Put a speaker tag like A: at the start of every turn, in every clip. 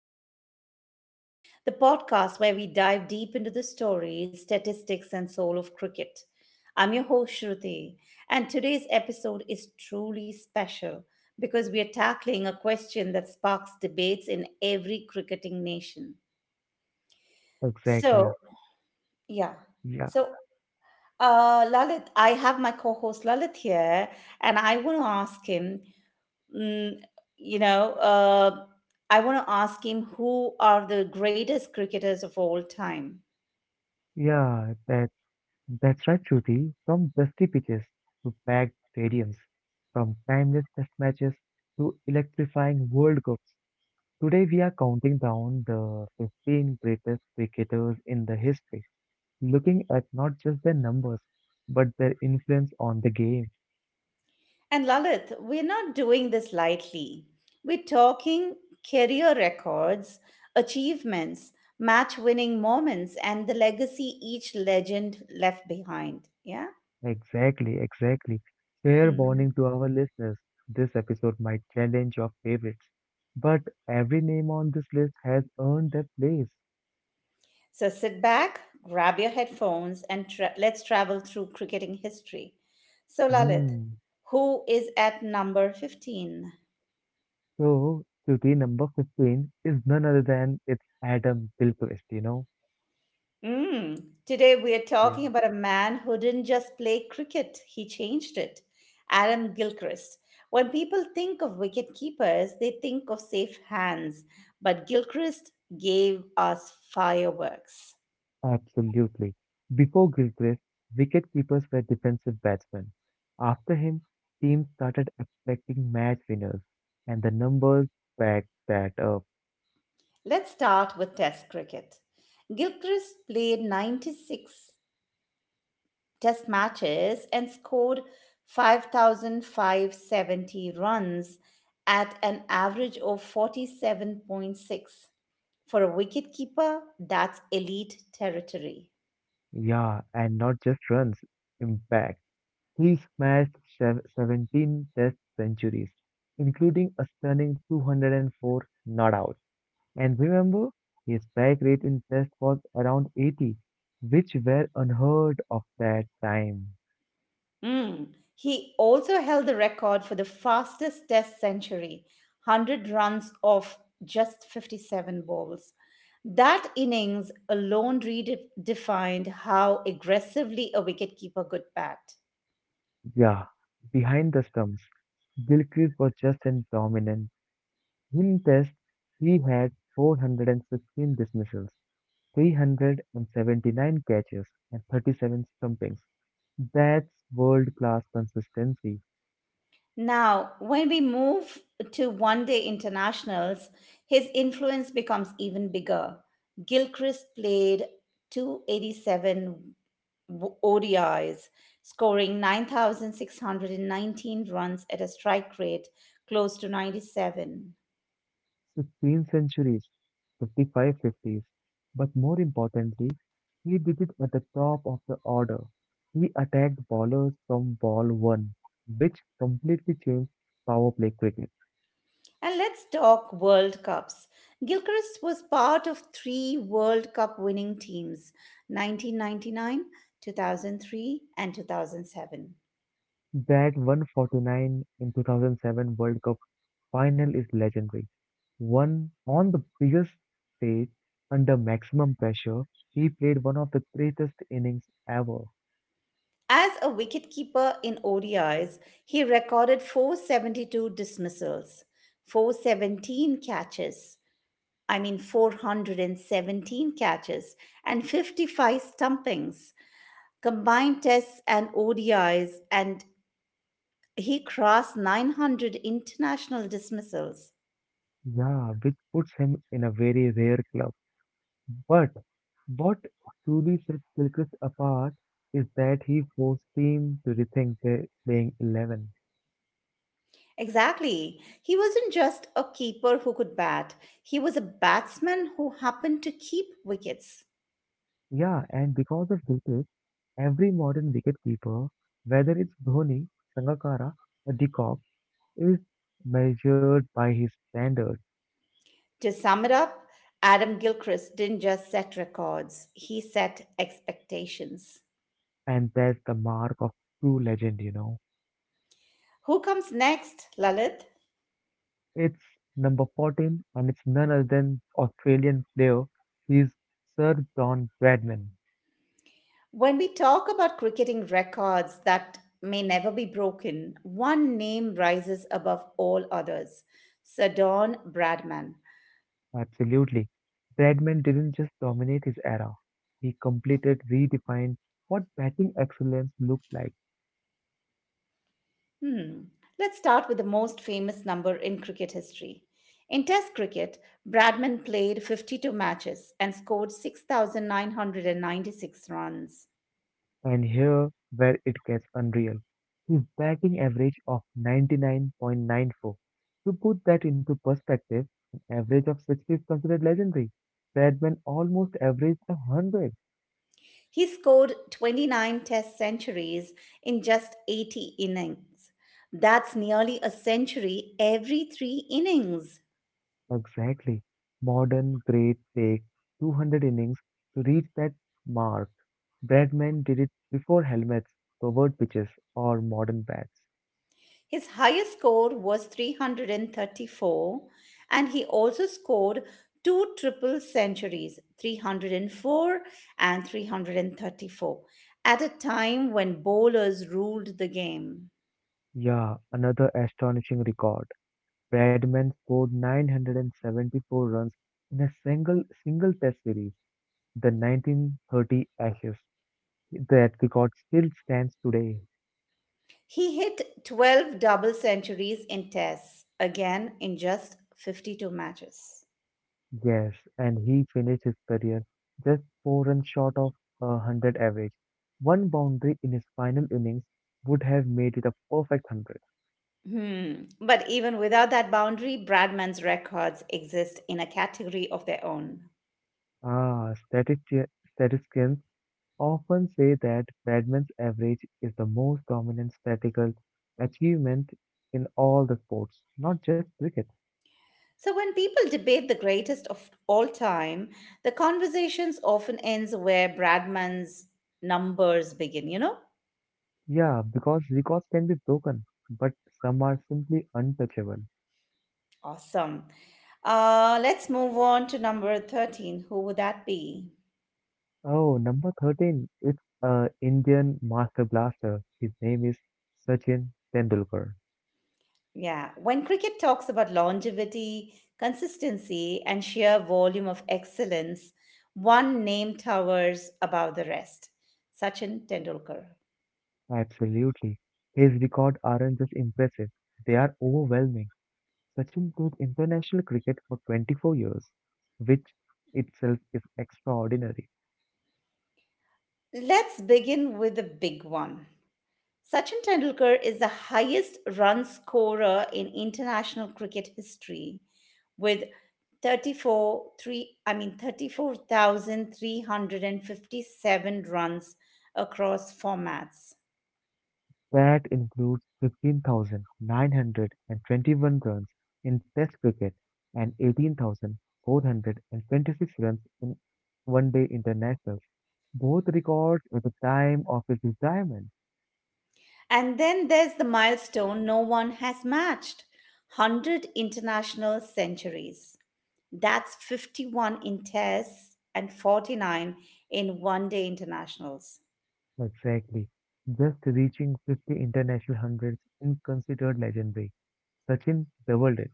A: Legends of the Game, the podcast where we dive deep into the stories, statistics, and soul of cricket. I'm your host, Shruti, and today's episode is truly special because we are tackling a question that sparks debates in every cricketing nation.
B: Exactly.
A: So, yeah.
B: Yeah,
A: So, Lalit, I have my co-host Lalit here, and I want to ask him, mm, you know, uh, who are the greatest cricketers of all time.
B: yeah, that's right, Shruti. From dusty pitches to packed stadiums, from timeless test matches to electrifying World Cups. Today we are counting down the 15 greatest cricketers in the history, looking at not just their numbers, but their influence on the game.
A: And Lalit, we're not doing this lightly. We're talking career records, achievements, match-winning moments, and the legacy each legend left behind. Yeah.
B: Exactly, exactly. Fair
A: Mm.
B: warning to our listeners, this episode might challenge your favorites but every name on this list has earned their place.
A: So sit back, grab your headphones, and let's travel through cricketing history. So, Lalit,
B: Hmm.
A: who is at number 15?
B: So, duty number 15 is none other than it's Adam Gilchrist.
A: Mm. Today, we are
B: Yeah.
A: talking about a man who didn't just play cricket, he changed it. Adam Gilchrist. When people think of wicket keepers, they think of safe hands, but Gilchrist gave us fireworks.
B: Absolutely. Before Gilchrist, wicketkeepers were defensive batsmen. After him, teams started expecting match winners, and the numbers back that up.
A: Let's start with Test cricket. Gilchrist played 96 test matches and scored 5,570 runs at an average of 47.6. For a wicketkeeper, that's elite territory.
B: Yeah, and not just runs, impact. He smashed 17 test centuries, including a stunning 204 not out. And remember, his back rate in test was around 80, which were unheard of that time.
A: Mm. He also held the record for the fastest test century, 100 runs off just 57 balls. That innings alone redefined how aggressively a wicketkeeper could bat.
B: Yeah, behind the stumps, Gilchrist was just as dominant. In test, he had 416 dismissals, 379 catches, and 37 stumpings. That's world class consistency.
A: Now, when we move to one day internationals, his influence becomes even bigger. Gilchrist played 287 ODIs, scoring 9,619 runs at a strike rate close to 97.
B: 16 centuries, 55 50s. But more importantly, he did it at the top of the order. He attacked bowlers from ball 1, which completely changed power play cricket.
A: And let's talk World Cups. Gilchrist was part of three World Cup winning teams: 1999, 2003, and 2007.
B: That 149 in 2007 World Cup final is legendary. One on the biggest stage under maximum pressure, he played one of the greatest innings ever.
A: As a wicketkeeper in ODIs, he recorded 472 dismissals, 417 catches, I mean 417 catches, and 55 stumpings, combined tests and ODIs, and he crossed 900 international dismissals.
B: Yeah, which puts him in a very rare club. But what truly sets Gilchrist apart is that he forced team to rethink their playing 11.
A: Exactly. He wasn't just a keeper who could bat, he was a batsman who happened to keep wickets.
B: Yeah, and because of Gilchrist, every modern wicketkeeper, whether it's Dhoni, Sangakkara, or De Kock, is measured by his standards,
A: To sum it up, Adam Gilchrist didn't just set records, he set expectations.
B: and that's the mark of true legend.
A: Who comes next, Lalit?
B: It's number 14, and it's none other than Australian player, he's Sir John Bradman.
A: When we talk about cricketing records that may never be broken, one name rises above all others: Sir Don Bradman.
B: Absolutely. Bradman didn't just dominate his era, he completed, redefined what batting excellence looked like.
A: Hmm. Let's start with the most famous number in cricket history. In Test cricket, Bradman played 52 matches and scored 6,996 runs.
B: And here where it gets unreal. His batting average of 99.94. To put that into perspective, an average of 60 is considered legendary. Bradman almost averaged 100.
A: He scored 29 test centuries in just 80 innings. That's nearly a century every three innings.
B: Exactly. Modern great take 200 innings to reach that mark. Bradman did it before helmets, covered pitches, or modern bats.
A: His highest score was 334, and he also scored two triple centuries, 304 and 334, at a time when bowlers ruled the game.
B: Yeah, another astonishing record. Bradman scored 974 runs in a single test series, the 1930 Ashes. That record still stands today.
A: He hit 12 double centuries in tests, again in just 52 matches.
B: Yes, and he finished his career just four runs short of a 100 average. One boundary in his final innings would have made it a perfect 100.
A: Hmm. But even without that boundary, Bradman's records exist in a category of their own.
B: Statistics often say that badminton's average is the most dominant statistical achievement in all the sports, not just cricket.
A: So when people debate the greatest of all time, the conversations often ends where Bradman's numbers begin, you know?
B: Yeah, because records can be broken, but some are simply untouchable.
A: Awesome. Let's move on to number 13. Who would that be?
B: Oh, number 13, it's a Indian master blaster. His name is Sachin Tendulkar.
A: Yeah, when cricket talks about longevity, consistency, and sheer volume of excellence, one name towers above the rest: Sachin Tendulkar.
B: Absolutely. His records aren't just impressive, they are overwhelming. Sachin played international cricket for 24 years, which itself is extraordinary.
A: Let's begin with the big one. Sachin Tendulkar is the highest run scorer in international cricket history with 34 three, I mean 34,357 runs across formats.
B: That includes 15,921 runs in Test cricket and 18,426 runs in One Day Internationals, both records at the time of his retirement.
A: And then there's the milestone no one has matched: 100 international centuries. That's 51 in tests and 49 in one day internationals.
B: Exactly. Just reaching 50 international hundreds is considered legendary. Sachin doubled it.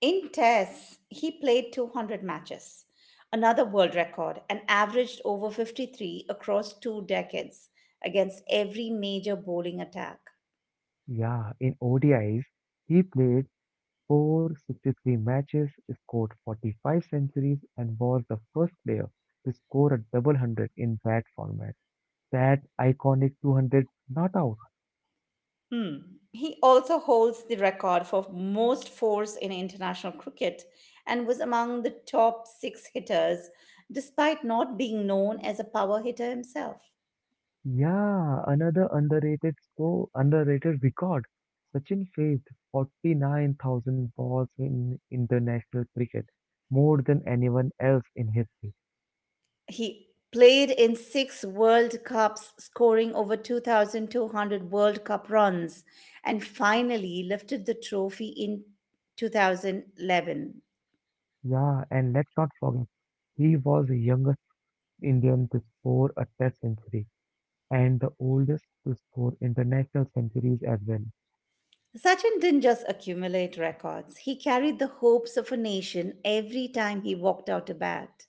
A: In tests, he played 200 matches, another world record, and averaged over 53 across two decades against every major bowling attack.
B: Yeah, in ODIs, he played scored 63 matches, scored 45 centuries, and was the first player to score a double hundred in that format. That iconic 200 not out.
A: Hmm. He also holds the record for most fours in international cricket and was among the top six hitters, despite not being known as a power hitter himself.
B: Yeah, another underrated record. Sachin faced 49,000 balls in international cricket, more than anyone else in history.
A: He played in six World Cups, scoring over 2,200 World Cup runs, and finally lifted the trophy in 2011.
B: Yeah, and let's not forget, he was the youngest Indian to score a test century, and the oldest to score international centuries as well.
A: Sachin didn't just accumulate records, he carried the hopes of a nation every time he walked out to bat.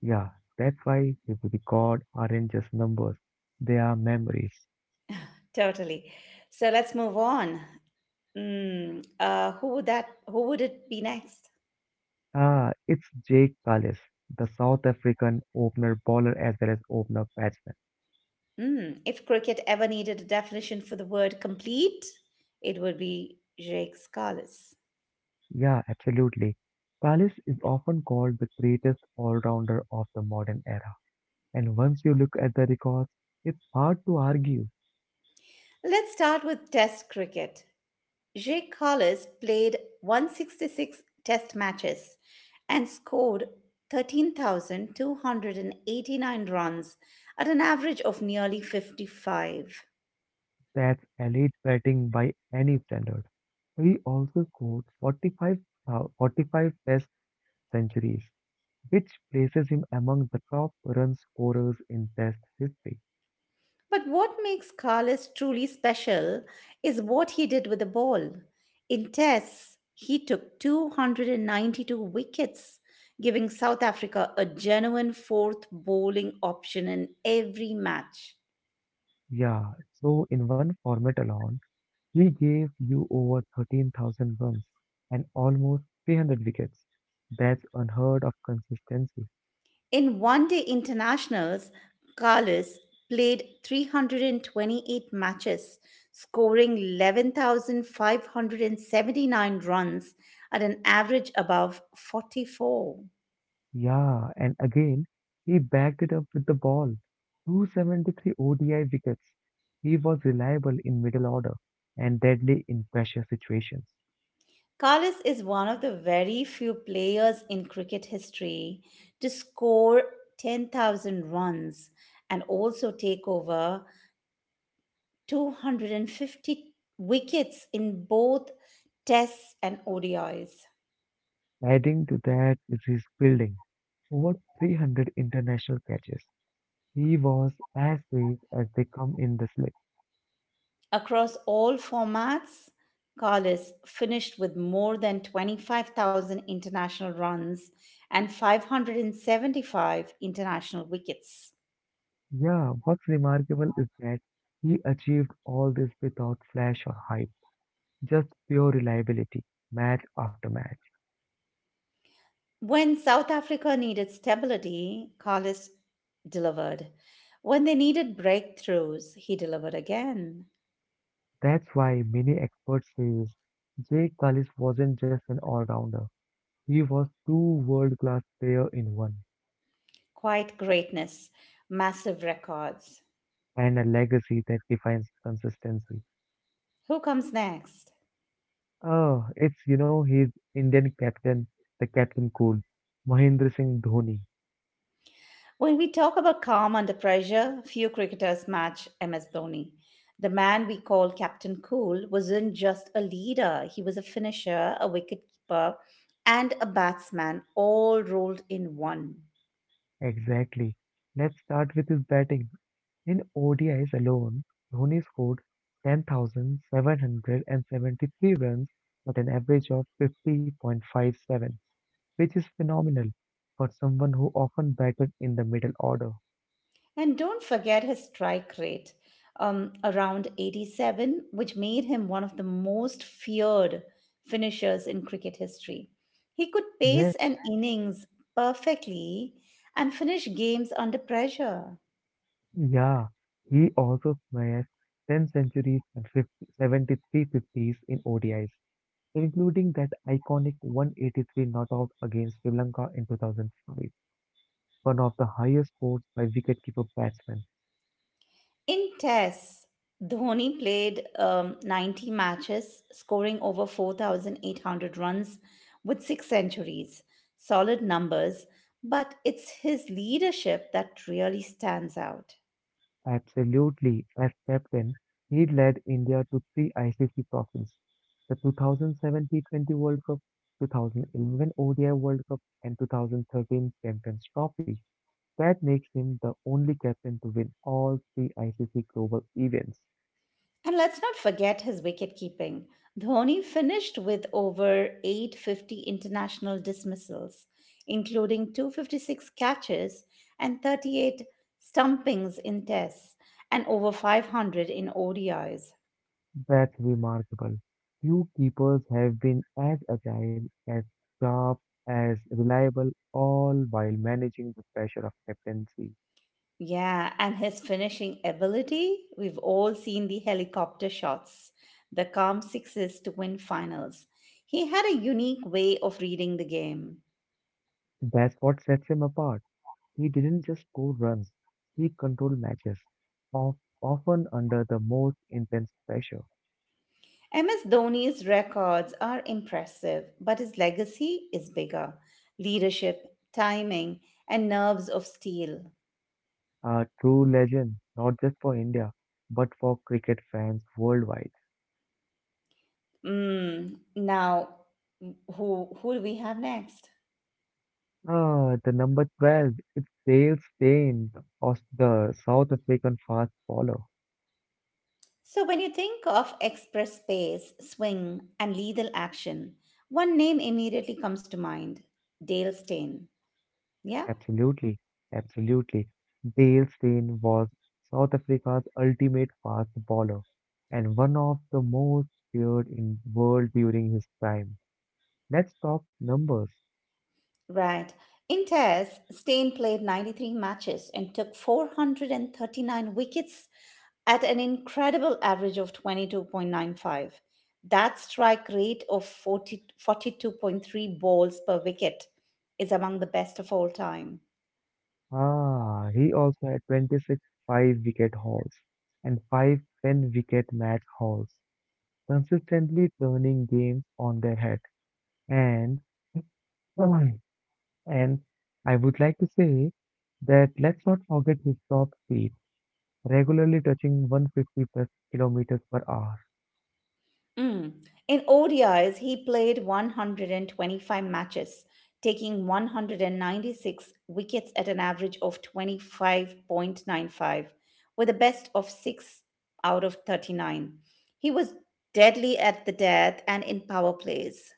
B: Yeah, that's why the record aren't just numbers, they are memories.
A: Totally. So let's move on. Who would that? Who would it be next?
B: It's Jake Kallis, the South African opener bowler as well as opener batsman.
A: If cricket ever needed a definition for the word complete, it would be Jake Scalise.
B: Yeah, absolutely. Kallis is often called the greatest all-rounder of the modern era. And once you look at the records, it's hard to argue
A: Let's start with Test cricket. Jake Scalise played 166 Test matches and scored 13,289 runs at an average of nearly 55.
B: that's elite batting by any standard. He also scored 45 test centuries, which places him among the top run scorers in Test history.
A: But what makes Carlos truly special is what he did with the ball. In tests, he took 292 wickets, giving South Africa a genuine fourth bowling option in every match.
B: Yeah, so in one format alone, he gave you over 13,000 runs and almost 300 wickets. That's unheard of consistency.
A: In one day internationals, Carlos played 328 matches, scoring 11,579 runs at an average above 44.
B: Yeah, and again, he backed it up with the ball. 273 ODI wickets. He was reliable in middle order and deadly in pressure situations.
A: Carlos is one of the very few players in cricket history to score 10,000 runs and also take over 250 wickets in both Tests and ODIs.
B: Adding to that is his fielding. Over 300 international catches. He was as safe as they come in the slip.
A: Across all formats, Carlos finished with more than 25,000 international runs and 575 international wickets.
B: Yeah, what's remarkable is that he achieved all this without flash or hype, just pure reliability, match after match.
A: When South Africa needed stability, Collis delivered. When they needed breakthroughs, he delivered again.
B: That's why many experts say Jake Kallis wasn't just an all-rounder. He was two world-class player in one,
A: Quiet greatness, massive records.
B: and a legacy that defines consistency.
A: Who comes next?
B: Oh, it's his Indian captain, the captain cool. Mahendra Singh Dhoni.
A: When we talk about calm under pressure, few cricketers match MS Dhoni. The man we call Captain Cool wasn't just a leader, he was a finisher, a wicketkeeper, and a batsman, all rolled in one.
B: Exactly. Let's start with his batting. In ODIs alone, Dhoni scored 10,773 runs at an average of 50.57, which is phenomenal for someone who often batted in the middle order.
A: And don't forget his strike rate, around 87, which made him one of the most feared finishers in cricket history. He could
B: Yeah,
A: pace an innings perfectly and finish games under pressure.
B: yeah. He also smashed 10 centuries and fifty seventy three fifties 73 50s in ODIs, including that iconic 183 knock-out against Sri Lanka in 2005, one of the highest scores by wicketkeeper batsmen.
A: In tests, Dhoni played 90 matches, scoring over 4,800 runs with six centuries. Solid numbers, but it's his leadership that really stands out.
B: Absolutely, as captain, he led India to three ICC trophies, the 2007 T20 World Cup, 2011 ODI World Cup, and 2013 Champions Trophy. That makes him the only captain to win all three ICC global events.
A: And let's not forget his wicket-keeping. Dhoni finished with over 850 international dismissals, including 256 catches and 38 stumpings in tests and over 500 in ODIs.
B: That's remarkable. Few keepers have been as agile, as sharp, as reliable, all while managing the pressure of captaincy.
A: Yeah, and his finishing ability, we've all seen the helicopter shots, the calm sixes to win finals. He had a unique way of reading the game.
B: That's what sets him apart. He didn't just score runs, he controlled matches, of, often under the most intense pressure.
A: MS Dhoni's records are impressive, but his legacy is bigger. Leadership, timing, and nerves of steel.
B: A true legend, not just for India, but for cricket fans worldwide.
A: Now, who do we have next?
B: The number 12, it's Dale Steyn, the the South African fast bowler.
A: So when you think of express pace, swing, and lethal action, one name immediately comes to mind: Dale Steyn. Yeah.
B: Absolutely, absolutely. Dale Steyn was South Africa's ultimate fast bowler and one of the most feared in the world during his prime. Let's talk numbers.
A: Right. In Test, Stain played 93 matches and took 439 wickets at an incredible average of 22.95. That strike rate of forty two point three balls per wicket is among the best of all time.
B: He also had 26 five-wicket hauls and five 10-wicket match hauls, consistently turning games on their head. And and I would like to say that let's not forget his top speed, regularly touching 150 plus kilometers per hour.
A: Mm. In ODIs, he played 125 matches, taking 196 wickets at an average of 25.95, with a best of 6 out of 39. He was deadly at the death and in power plays.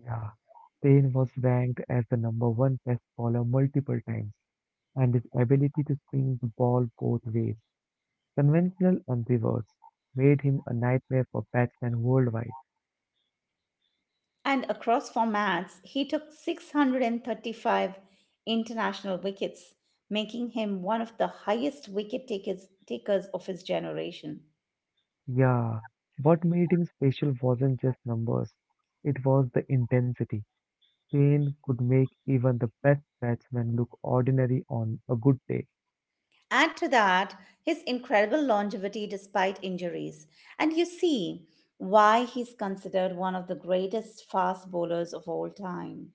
B: Yeah, Spain was ranked as the number one pest bowler multiple times, and his ability to swing the ball both ways, conventional and reverse, made him a nightmare for batsmen worldwide.
A: And across formats, he took 635 international wickets, making him one of the highest wicket takers of his generation.
B: Yeah, what made him special wasn't just numbers, it was the intensity. Spain could make even the best batsman look ordinary on a good day.
A: Add to that his incredible longevity despite injuries, and you see why he's considered one of the greatest fast bowlers of all time.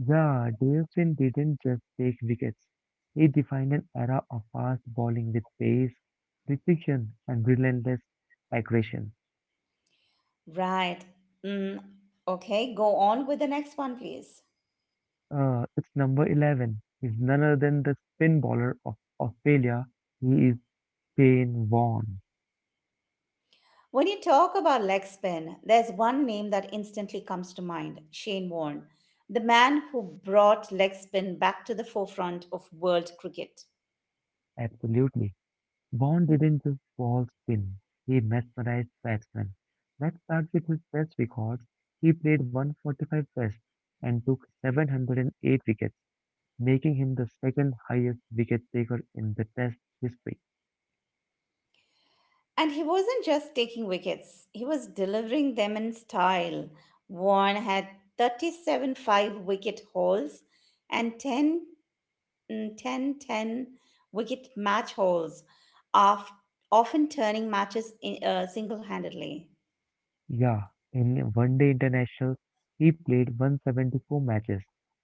B: Yeah, Davison didn't just take wickets. He defined an era of fast bowling with pace, precision, and relentless aggression.
A: Right. Mm, okay, go on with the next one, please.
B: It's number 11. He's none other than the spin bowler of Australia. He is Shane Warne.
A: When you talk about leg spin, there's one name that instantly comes to mind: Shane Warne, the man who brought leg spin back to the forefront of world cricket.
B: Absolutely. Warne didn't just bowl spin. He mesmerized batsmen. Let's start with his test records. He played 145 tests and took 708 wickets, making him the second highest wicket taker in the Test history.
A: And he wasn't just taking wickets, he was delivering them in style. Warren had 37 5 wicket hauls and 10 ten wicket match hauls, of, often turning matches single handedly.
B: Yeah, in one day internationals, he played 174 matches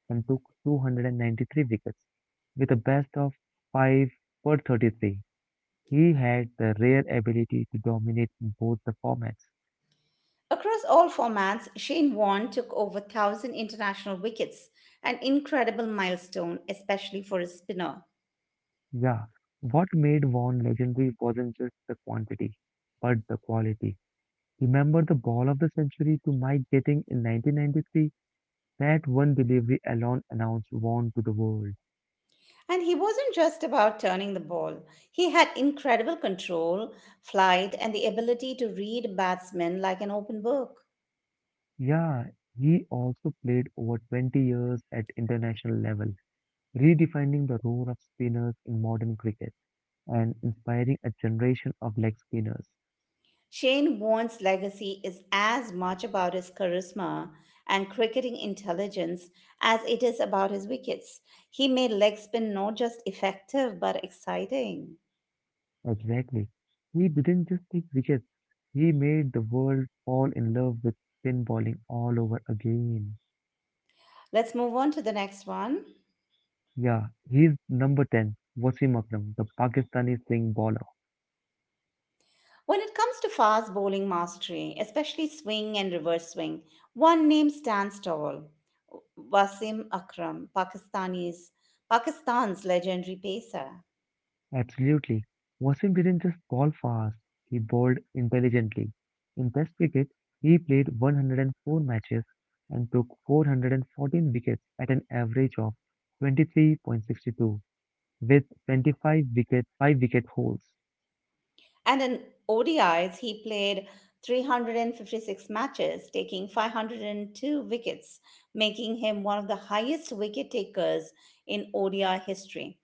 B: and took 293 wickets with a best of 5 per 33. He had the rare ability to dominate in both the formats.
A: Across all formats, Shane Warne took over 1,000 international wickets, an incredible milestone, especially for a spinner.
B: Yeah, what made Vaughan legendary wasn't just the quantity, but the quality. Remember the ball of the century to Mike Getting in 1993? That one delivery alone announced Vaughn to the world.
A: And he wasn't just about turning the ball. He had incredible control, flight, and the ability to read batsmen like an open book.
B: Yeah, he also played over 20 years at international level, redefining the role of spinners in modern cricket and inspiring a generation of leg spinners.
A: Shane Warne's legacy is as much about his charisma and cricketing intelligence as it is about his wickets. He made leg spin not just effective but exciting.
B: Exactly. He didn't just take wickets, he made the world fall in love with spin bowling all over again.
A: Let's move on to the next one.
B: Yeah, he's number 10, Wasim Akram, the Pakistani swing bowler.
A: When it comes to fast bowling mastery, especially swing and reverse swing, one name stands tall. Wasim Akram, Pakistani's Pakistan's legendary pacer.
B: Absolutely. Wasim didn't just bowl fast, he bowled intelligently. In Test cricket, he played 104 matches and took 414 wickets at an average of 23.62 with 25 wicket 5 wicket holes.
A: And in ODIs, he played 356 matches, taking 502 wickets, making him one of the highest wicket takers in ODI history.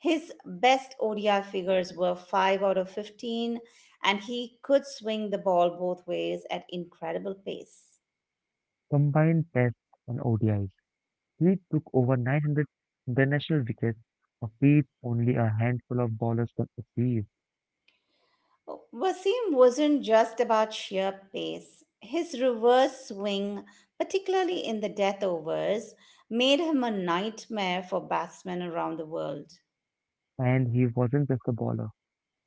A: His best ODI figures were 5 out of 15, and he could swing the ball both ways at incredible pace.
B: Combined Test and ODIs, he took over 900 international wickets, a feat only a handful of bowlers can achieve.
A: Wasim wasn't just about sheer pace. His reverse swing, particularly in the death overs, made him a nightmare for batsmen around the world.
B: And he wasn't just a bowler.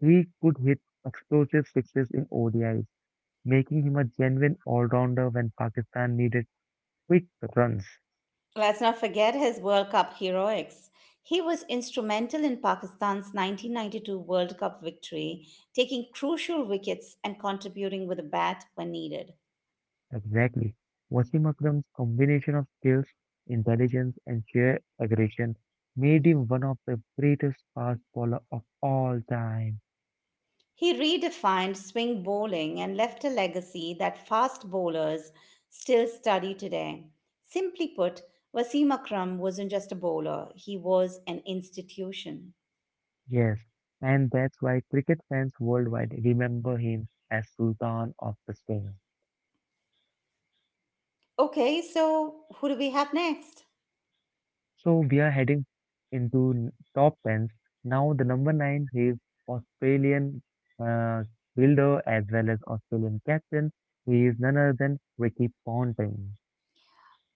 B: He could hit explosive sixes in ODIs, making him a genuine all-rounder when Pakistan needed quick runs.
A: Let's not forget his World Cup heroics. He was instrumental in Pakistan's 1992 World Cup victory, taking crucial wickets and contributing with a bat when needed.
B: Exactly. Wasim Akram's combination of skills, intelligence, and sheer aggression made him one of the greatest fast bowler of all time.
A: He redefined swing bowling and left a legacy that fast bowlers still study today. Simply put, Wasim Akram wasn't just a bowler, he was an institution.
B: Yes, and that's why cricket fans worldwide remember him as Sultan of the Spin.
A: Okay, so who do we have next?
B: So we are heading into top tens. Now the number nine is Australian uh, fielder as well as Australian captain. He is none other than Ricky Ponting.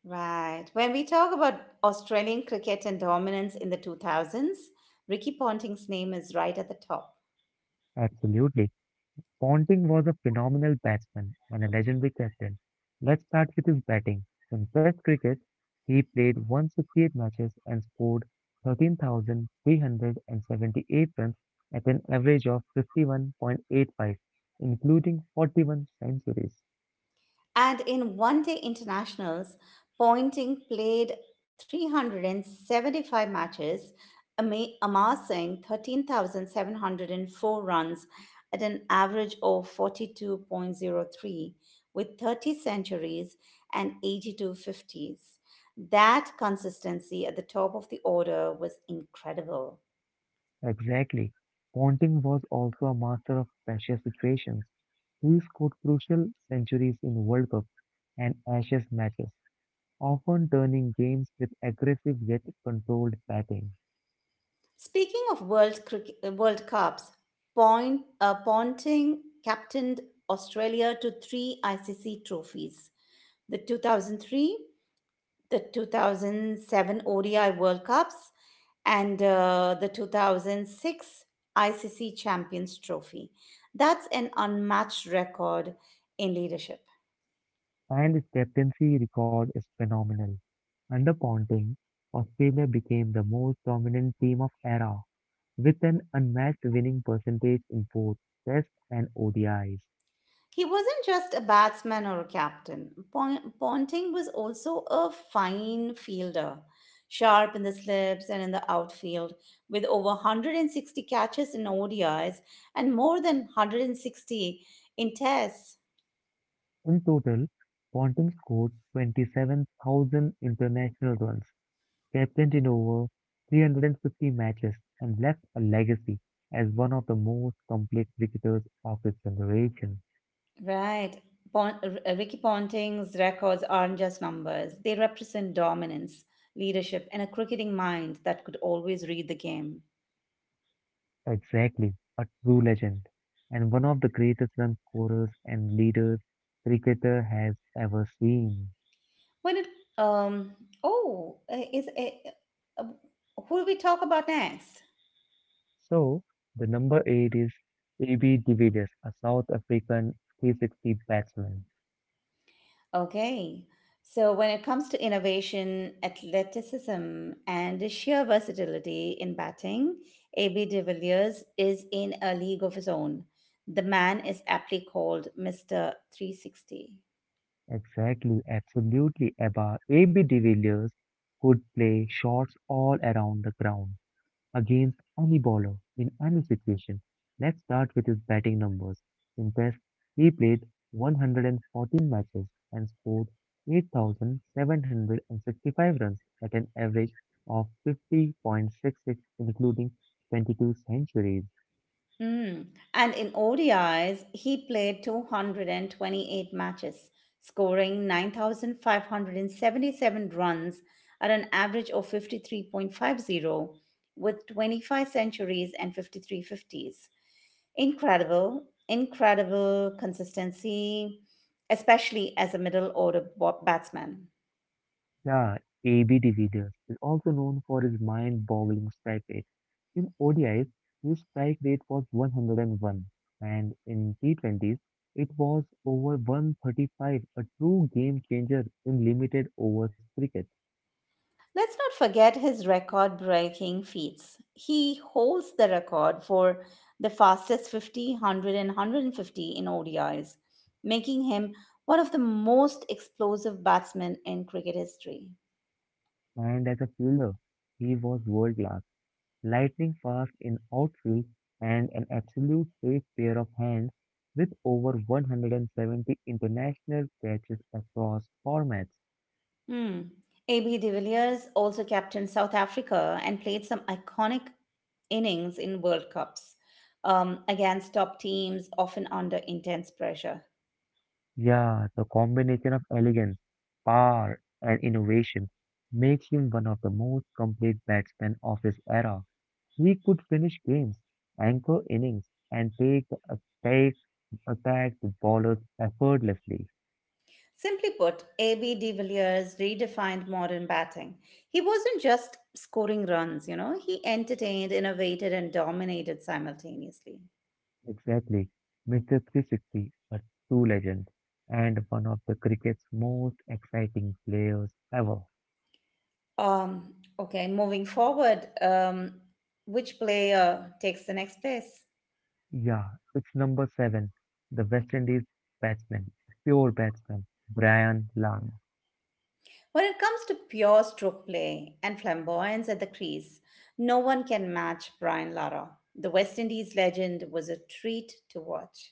A: Right. When we talk about Australian cricket and dominance in the 2000s, Ricky Ponting's name is right at the top.
B: Absolutely. Ponting was a phenomenal batsman and a legendary captain. Let's start with his batting. In Test cricket, he played 168 matches and scored 13,378 runs at an average of 51.85, including 41 centuries.
A: And in one day internationals, Pointing played 375 matches, amassing 13,704 runs at an average of 42.03 with 30 centuries and 82 fifties. That consistency at the top of the order was incredible.
B: Exactly. Ponting was also a master of pressure situations. He scored crucial centuries in World Cup and Ashes matches, often turning games with aggressive yet controlled batting.
A: Speaking of World Cups, Ponting captained Australia to three ICC trophies: the 2003, the 2007 ODI World Cups, and the 2006 ICC Champions Trophy. That's an unmatched record in leadership.
B: And his captaincy record is phenomenal. Under Ponting, Australia became the most dominant team of era, with an unmatched winning percentage in both Tests and ODIs.
A: He wasn't just a batsman or a captain. Ponting was also a fine fielder, sharp in the slips and in the outfield, with over 160 catches in ODIs and more than 160 in tests.
B: In total, Ponting scored 27,000 international runs, captained in over 350 matches, and left a legacy as one of the most complete cricketers of his generation.
A: Right. Ricky Ponting's records aren't just numbers, they represent dominance, leadership, and a cricketing mind that could always read the game.
B: Exactly, a true legend, and one of the greatest run scorers and leaders cricketer has ever seen.
A: When it um oh is it uh, who do we talk about next?
B: So, the number 8 is AB de Villiers, a South African 360 batsman.
A: Okay. So when it comes to innovation, athleticism, and sheer versatility in batting, AB de Villiers is in a league of his own. The man is aptly called Mr. 360.
B: Exactly, absolutely, Abba. AB de Villiers could play shots all around the ground, against any bowler in any situation. Let's start with his batting numbers. In Test, he played 114 matches and scored 8,765 runs at an average of 50.66, including 22 centuries.
A: Mm. And in ODIs, he played 228 matches, scoring 9,577 runs at an average of 53.50 with 25 centuries and 53 fifties. Incredible, Incredible consistency, especially as a middle order batsman.
B: Yeah, AB de Villiers is also known for his mind-boggling strike rate. In ODIs, his strike rate was 101, and one, and in T20s, it was over 135, a true game changer in limited overs cricket.
A: Let's not forget his record breaking feats. He holds the record for the fastest 50, 100, and 150 in ODIs, making him one of the most explosive batsmen in cricket history.
B: And as a fielder, he was world-class, lightning fast in outfield and an absolute safe pair of hands with over 170 international catches across formats.
A: Hmm. AB de Villiers also captained South Africa and played some iconic innings in World Cups against top teams, often under intense pressure.
B: Yeah, the combination of elegance, power, and innovation makes him one of the most complete batsmen of his era. He could finish games, anchor innings, and attack the bowlers effortlessly.
A: Simply put, A.B. de Villiers redefined modern batting. He wasn't just scoring runs. He entertained, innovated, and dominated simultaneously.
B: Exactly, Mr. 360, a true legend, and one of the cricket's most exciting players ever.
A: Okay, moving forward, which player takes the next place?
B: Yeah, it's number seven, the West Indies batsman, pure batsman, Brian Lara.
A: When it comes to pure stroke play and flamboyance at the crease, no one can match Brian Lara. The West Indies legend was a treat to watch.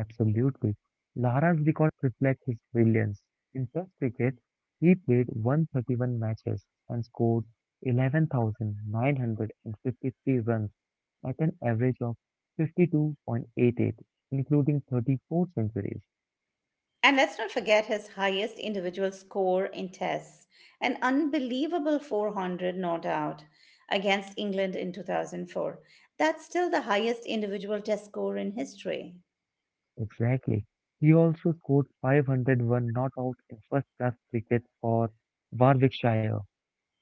B: Absolutely. Lara's records reflect his brilliance. In Test cricket, he played 131 matches and scored 11,953 runs at an average of 52.88, including 34 centuries.
A: And let's not forget his highest individual score in tests, an unbelievable 400 not out against England in 2004. That's still the highest individual test score in history.
B: Exactly. He also scored 501 not out in first class cricket for Warwickshire,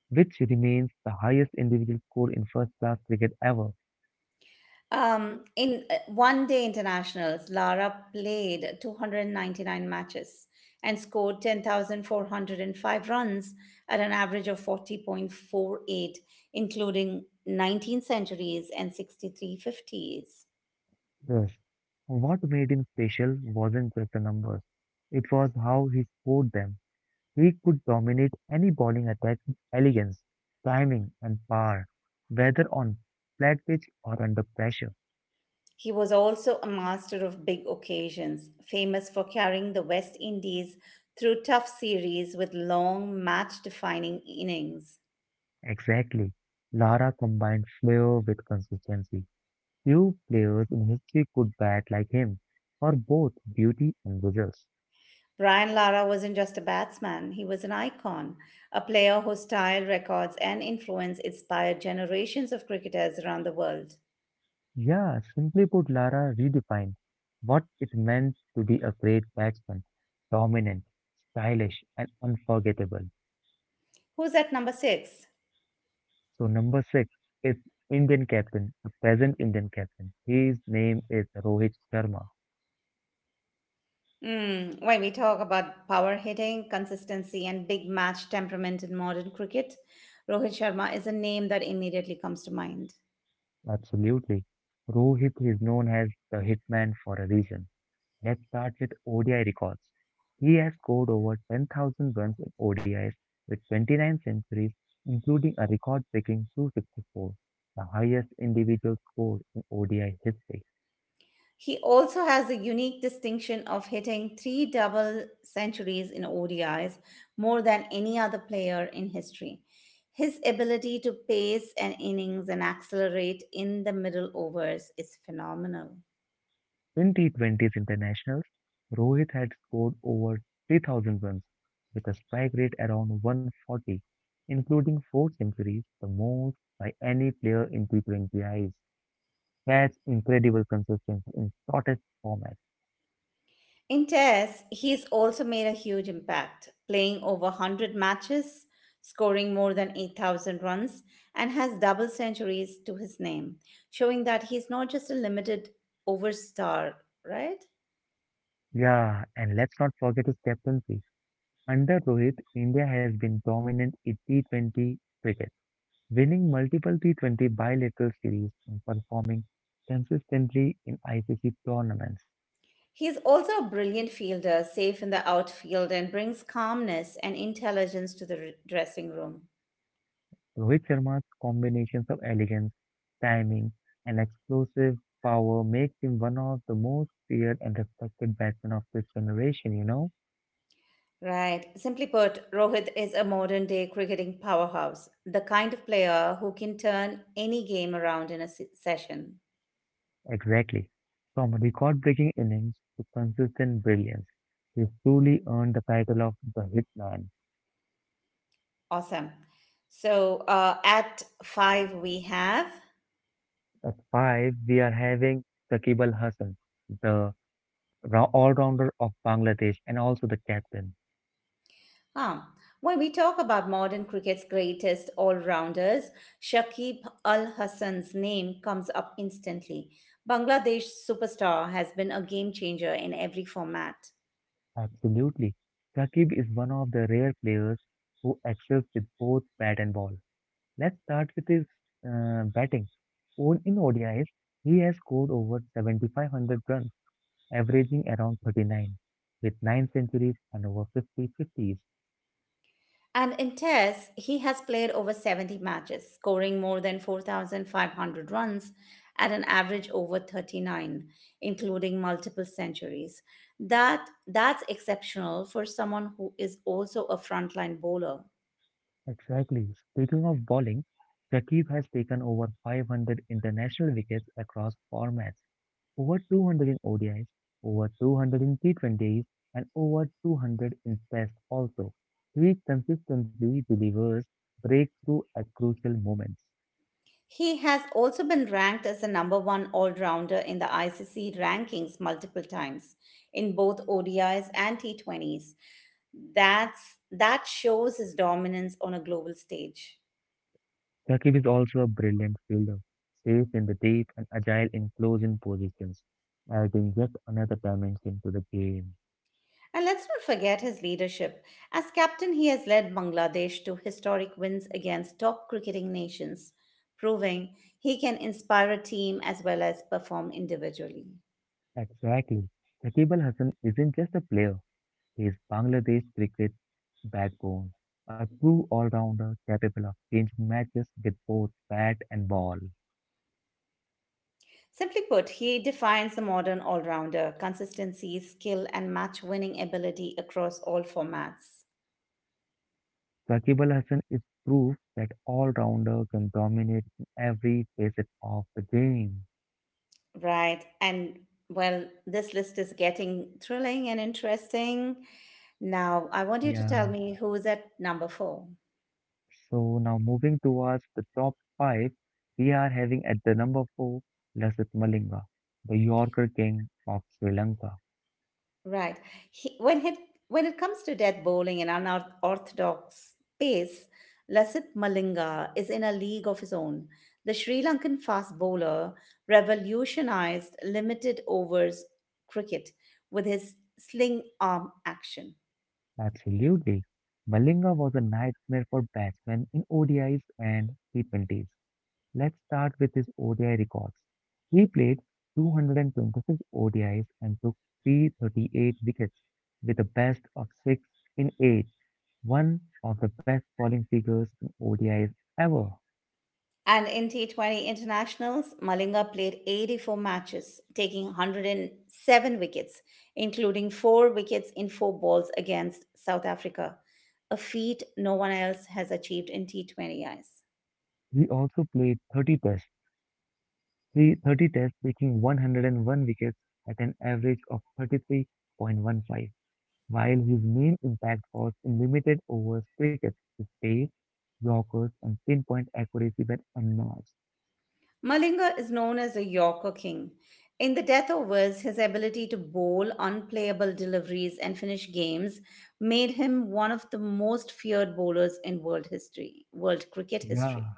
B: which remains the highest individual score in first class cricket ever.
A: In 1 day internationals, Lara played 299 matches and scored 10,405 runs at an average of 40.48, including 19 centuries and 63 fifties.
B: Yes. What made him special wasn't just the numbers. It was how he scored them. He could dominate any bowling attack with elegance, timing, and power, whether on flat pitch or under pressure.
A: He was also a master of big occasions, famous for carrying the West Indies through tough series with long match defining innings.
B: Exactly. Lara combined flair with consistency. Few players in history could bat like him for both beauty and results.
A: Brian Lara wasn't just a batsman, he was an icon, a player whose style, records, and influence inspired generations of cricketers around the world.
B: Yeah, simply put, Lara redefined what it meant to be a great batsman, dominant, stylish, and unforgettable.
A: Who's at number six?
B: So, number six is Indian captain, a present Indian captain. His name is Rohit Sharma.
A: Mm, when we talk about power hitting, consistency, and big match temperament in modern cricket, Rohit Sharma is a name that immediately comes to mind.
B: Absolutely. Rohit is known as the hitman for a reason. Let's start with ODI records. He has scored over 10,000 runs in ODIs with 29 centuries, including a record breaking 264, the highest individual score in ODI history.
A: He also has the unique distinction of hitting three double centuries in ODIs, more than any other player in history. His ability to pace an innings and accelerate in the middle overs is phenomenal.
B: In T20s internationals, Rohit had scored over 3,000 runs with a strike rate around 140, including four centuries, the most by any player in T20Is. That's incredible consistency in shortest format.
A: In Test, he's also made a huge impact, playing over 100 matches, scoring more than 8,000 runs, and has double centuries to his name, showing that he's not just a limited over star, right?
B: Yeah, and let's not forget his captaincy. Under Rohit, India has been dominant in T20 cricket, winning multiple T20 bilateral series and performing consistently in ICC tournaments.
A: He's also a brilliant fielder, safe in the outfield, and brings calmness and intelligence to the dressing room.
B: Rohit Sharma's combinations of elegance, timing, and explosive power makes him one of the most feared and respected batsmen of this generation, you know?
A: Right. Simply put, Rohit is a modern day cricketing powerhouse, the kind of player who can turn any game around in a session.
B: Exactly. From record-breaking innings to consistent brilliance, he's truly earned the title of the hitman.
A: Awesome. So at five, we have.
B: At five, we are having Saqib Al Hasan, the all-rounder of Bangladesh and also the captain.
A: Ah, when we talk about modern cricket's greatest all rounders, Shakib Al Hassan's name comes up instantly. Bangladesh superstar has been a game changer in every format.
B: Absolutely. Saqib is one of the rare players who excels with both bat and ball. Let's start with his batting. In ODIs, he has scored over 7,500 runs averaging around 39, with 9 centuries and over 50 50s.
A: And in Tests, he has played over 70 matches, scoring more than 4,500 runs at an average over 39, including multiple centuries. That's exceptional for someone who is also a frontline bowler.
B: Exactly. Speaking of bowling, Shakib has taken over 500 international wickets across formats, over 200 in ODIs, over 200 in T20s, and over 200 in Tests also. He consistently delivers breakthrough at crucial moments.
A: He has also been ranked as the number one all rounder in the ICC rankings multiple times in both ODIs and T20s. That shows his dominance on a global stage.
B: Shakib is also a brilliant fielder, safe in the deep and agile in closing positions, adding yet another dimension to the game.
A: And let's not forget his leadership. As captain, he has led Bangladesh to historic wins against top cricketing nations, proving he can inspire a team as well as perform individually.
B: Exactly. Shakib Al Hasan isn't just a player, he is Bangladesh cricket backbone, a true all-rounder capable of changing matches with both bat and ball.
A: Simply put, he defines the modern all rounder consistency, skill, and match winning ability across all formats.
B: Shakib Al Hasan is proof that all-rounder can dominate in every facet of the game.
A: Right. And well, this list is getting thrilling and interesting. Now, I want you to tell
B: Yeah.
A: me who is at number four.
B: So now moving towards the top five, we are having at the number four, Lasith Malinga, the Yorker King of Sri Lanka.
A: Right. He, when it comes to death bowling and unorthodox pace, Lasith Malinga is in a league of his own. The Sri Lankan fast bowler revolutionized limited overs cricket with his sling arm action.
B: Absolutely. Malinga was a nightmare for batsmen in ODIs and T20s. Let's start with his ODI records. He played 226 ODIs and took 338 wickets with a best of 6 in 8, one of the best bowling figures in ODIs ever.
A: And in T20 internationals, Malinga played 84 matches, taking 107 wickets, including four wickets in four balls against South Africa, a feat no one else has achieved in T20 eyes.
B: He also played 30 tests, taking 101 wickets at an average of 33.15. While his main impact was in limited overs cricket, his pace, yorkers and pinpoint accuracy were unmatched.
A: Malinga is known as a Yorker king. In the death overs, his ability to bowl unplayable deliveries and finish games made him one of the most feared bowlers in world history, world cricket
B: Yeah,
A: history.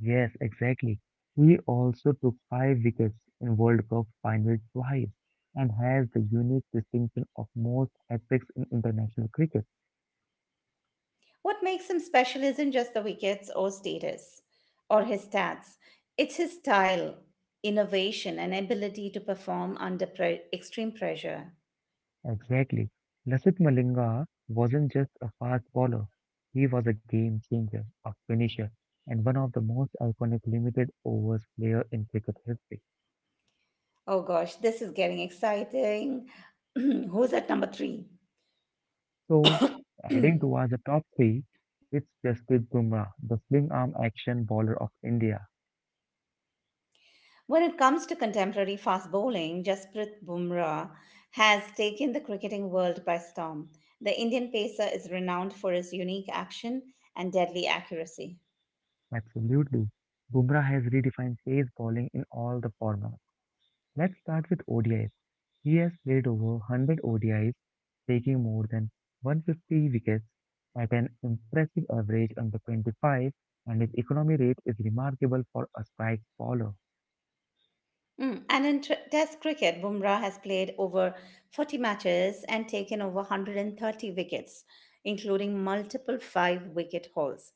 B: yes, exactly. He also took five wickets in World Cup final twice and has the unique distinction of most hat-tricks in international cricket.
A: What makes him special isn't just the wickets or status or his stats, it's his style, innovation, and ability to perform under extreme pressure.
B: Exactly. Lasith Malinga wasn't just a fast bowler. He was a game changer, a finisher, and one of the most iconic limited overs player in cricket history.
A: Oh gosh, this is getting exciting. Who's at number three?
B: So, adding towards the top three, it's Jasprit Bumrah, the sling arm action bowler of India.
A: When it comes to contemporary fast bowling, Jasprit Bumrah has taken the cricketing world by storm. The Indian pacer is renowned for his unique action and deadly accuracy.
B: Absolutely. Bumrah has redefined pace bowling in all the formats. Let's start with ODI. He has played over 100 ODIs, taking more than 150 wickets at an impressive average under 25, and his economy rate is remarkable for a strike bowler.
A: And in Test cricket, Bumrah has played over 40 matches and taken over 130 wickets, including multiple five wicket hauls.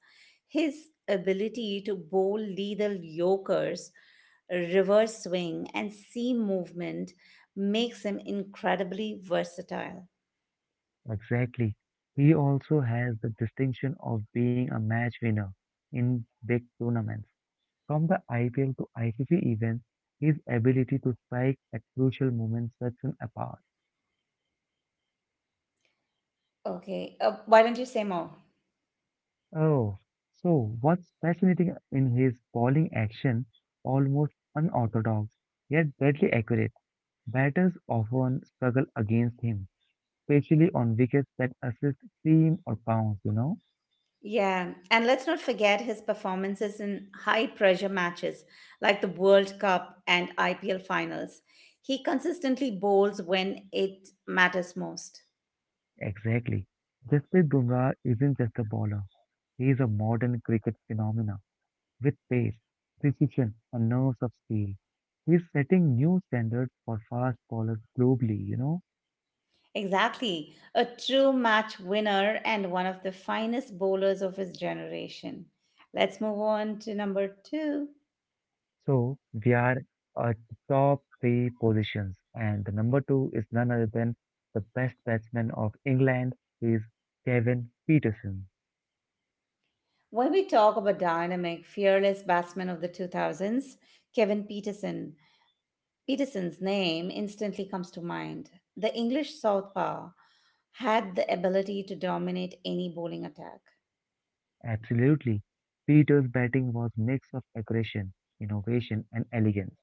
A: His ability to bowl lethal yokers, reverse swing, and seam movement makes him incredibly versatile.
B: Exactly. He also has the distinction of being a match winner in big tournaments. From the IPL to ICC events, his ability to strike at crucial moments sets him apart.
A: Okay, why don't you say more?
B: Oh, so what's fascinating in his bowling action, almost unorthodox, yet deadly accurate. Batters often struggle against him, especially on wickets that assist seam or bounce, you know?
A: Yeah, and let's not forget his performances in high pressure matches like the World Cup and IPL finals. He consistently bowls when it matters most.
B: Exactly. Jasprit Bumrah isn't just a bowler. He is a modern cricket phenomena with pace, precision, and nerves of steel. He's setting new standards for fast bowlers globally, you know?
A: Exactly, a true match winner and one of the finest bowlers of his generation. Let's move on to number two.
B: So we are at the top three positions, and the number two is none other than the best batsman of England, he is Kevin Peterson.
A: When we talk about dynamic, fearless batsmen of the 2000s, Kevin Peterson. Peterson's name instantly comes to mind. The English southpaw had the ability to dominate any bowling attack.
B: Absolutely. Peter's batting was mix of aggression, innovation, and elegance.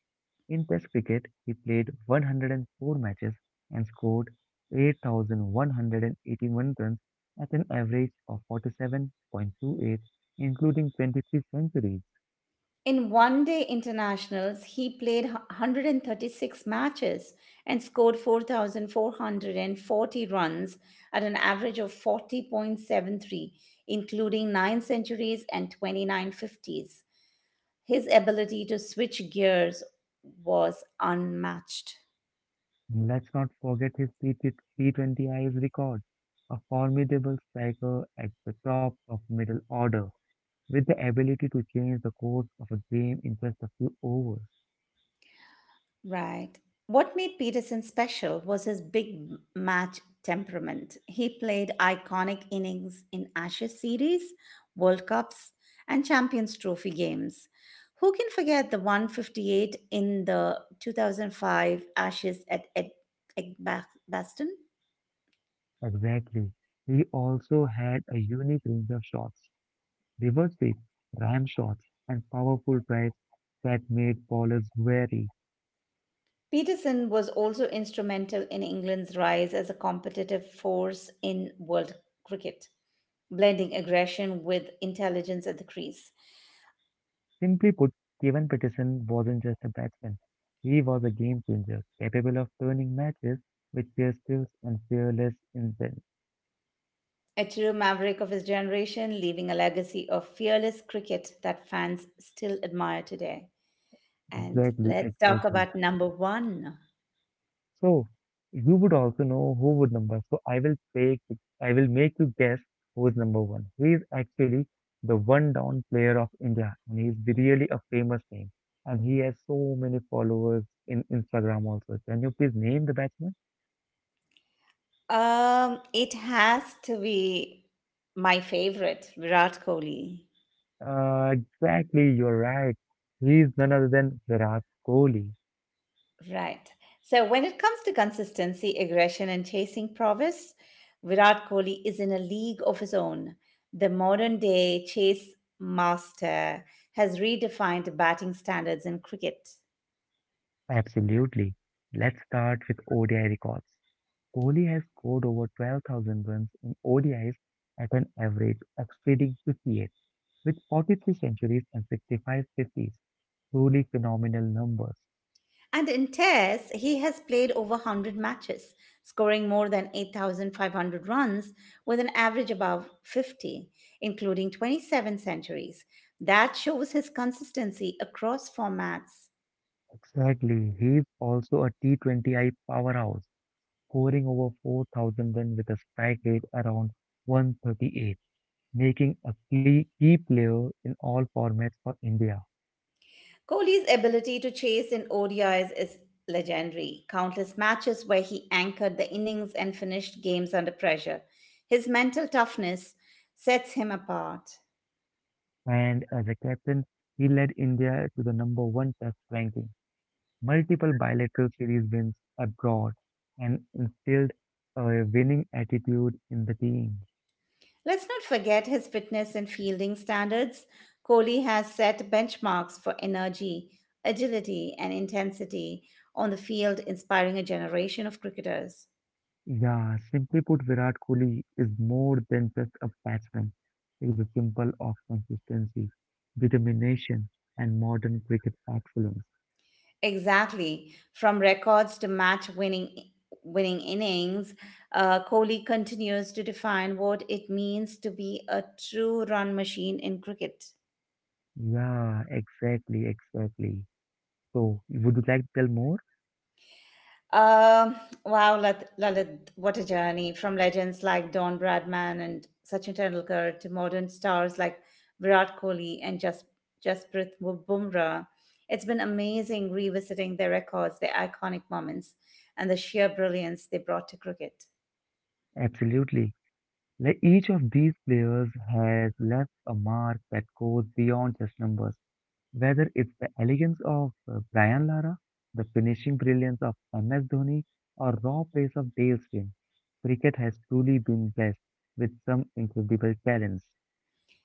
B: In Test cricket, he played 104 matches and scored 8,181 runs at an average of 47.28, including 23 centuries.
A: In 1 day internationals, he played 136 matches and scored 4,440 runs at an average of 40.73, including 9 centuries and 29 50s. His ability to switch gears was unmatched.
B: Let's not forget his T20Is record, a formidable striker at the top of middle order, with the ability to change the course of a game in just a few overs.
A: Right. What made Peterson special was his big match temperament. He played iconic innings in Ashes series, World Cups, and Champions Trophy games. Who can forget the 158 in the 2005 Ashes at Edgbaston?
B: Exactly. He also had a unique range of shots, reverse sweep, ram shots, and powerful drives that made bowlers wary.
A: Peterson was also instrumental in England's rise as a competitive force in world cricket, blending aggression with intelligence at the crease.
B: Simply put, Kevin Peterson wasn't just a batsman. He was a game changer, capable of turning matches with their skills and fearless intent.
A: A true maverick of his generation, leaving a legacy of fearless cricket that fans still admire today. And
B: Exactly,
A: let's talk
B: exactly.
A: about number one.
B: So you would also know who would number. So I will take, I will make you guess who is number one. He is actually the one down player of India, and he is really a famous name. And he has so many followers in Instagram also. Can you please name the batsman?
A: It has to be my favorite, Virat Kohli.
B: Exactly, you're right. He is none other than Virat Kohli.
A: Right. So when it comes to consistency, aggression, and chasing prowess, Virat Kohli is in a league of his own. The modern day chase master has redefined batting standards in cricket.
B: Absolutely. Let's start with ODI records. Kohli has scored over 12,000 runs in ODIs at an average exceeding 58, with 43 centuries and 65 50s. Truly phenomenal numbers.
A: And in tests, he has played over 100 matches, scoring more than 8,500 runs with an average above 50, including 27 centuries. That shows his consistency across formats.
B: Exactly. He is also a T20I powerhouse, scoring over 4,000 runs with a strike rate around 138, making a key player in all formats for India.
A: Kohli's ability to chase in ODIs is legendary. Countless matches where he anchored the innings and finished games under pressure. His mental toughness sets him apart.
B: And as a captain, he led India to the number one test ranking multiple bilateral series wins abroad, and instilled a winning attitude in the team.
A: Let's not forget his fitness and fielding standards. Kohli has set benchmarks for energy, agility, and intensity on the field, inspiring a generation of cricketers.
B: Yeah, simply put, Virat Kohli is more than just a batsman. He is a symbol of consistency, determination, and modern cricket excellence.
A: Exactly. From records to match winning innings, Kohli continues to define what it means to be a true run machine in cricket.
B: Yeah, exactly, exactly. So, would you like to tell more?
A: Um, wow, Lalit, what a journey from legends like Don Bradman and Sachin Tendulkar to modern stars like Virat Kohli and Bumrah. It's been amazing revisiting their records, their iconic moments, and the sheer brilliance they brought to cricket.
B: Absolutely. Like each of these players has left a mark that goes beyond just numbers. Whether it's the elegance of Brian Lara, the finishing brilliance of MS Dhoni, or raw pace of Dale Steyn, cricket has truly been blessed with some incredible talents.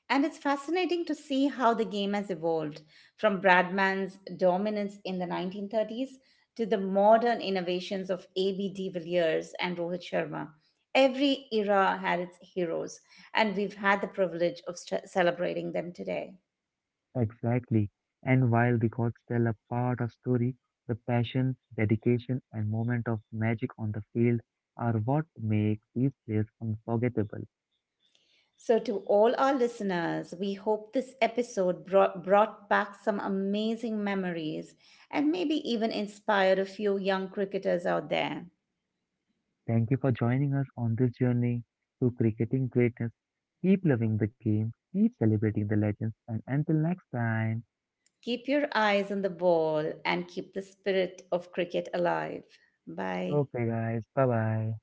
A: And it's fascinating to see how the game has evolved from Bradman's dominance in the 1930s to the modern innovations of A.B. de Villiers and Rohit Sharma. Every era had its heroes, and we've had the privilege of celebrating them today.
B: Exactly. And while records tell a part of story, the passion, dedication, and moment of magic on the field are what make these players unforgettable.
A: So, to all our listeners, we hope this episode brought back some amazing memories and maybe even inspired a few young cricketers out there.
B: Thank you for joining us on this journey to cricketing greatness. Keep loving the game, keep celebrating the legends, and until next time,
A: Keep your eyes on the ball and keep the spirit of cricket alive. Bye.
B: okay, guys, bye bye.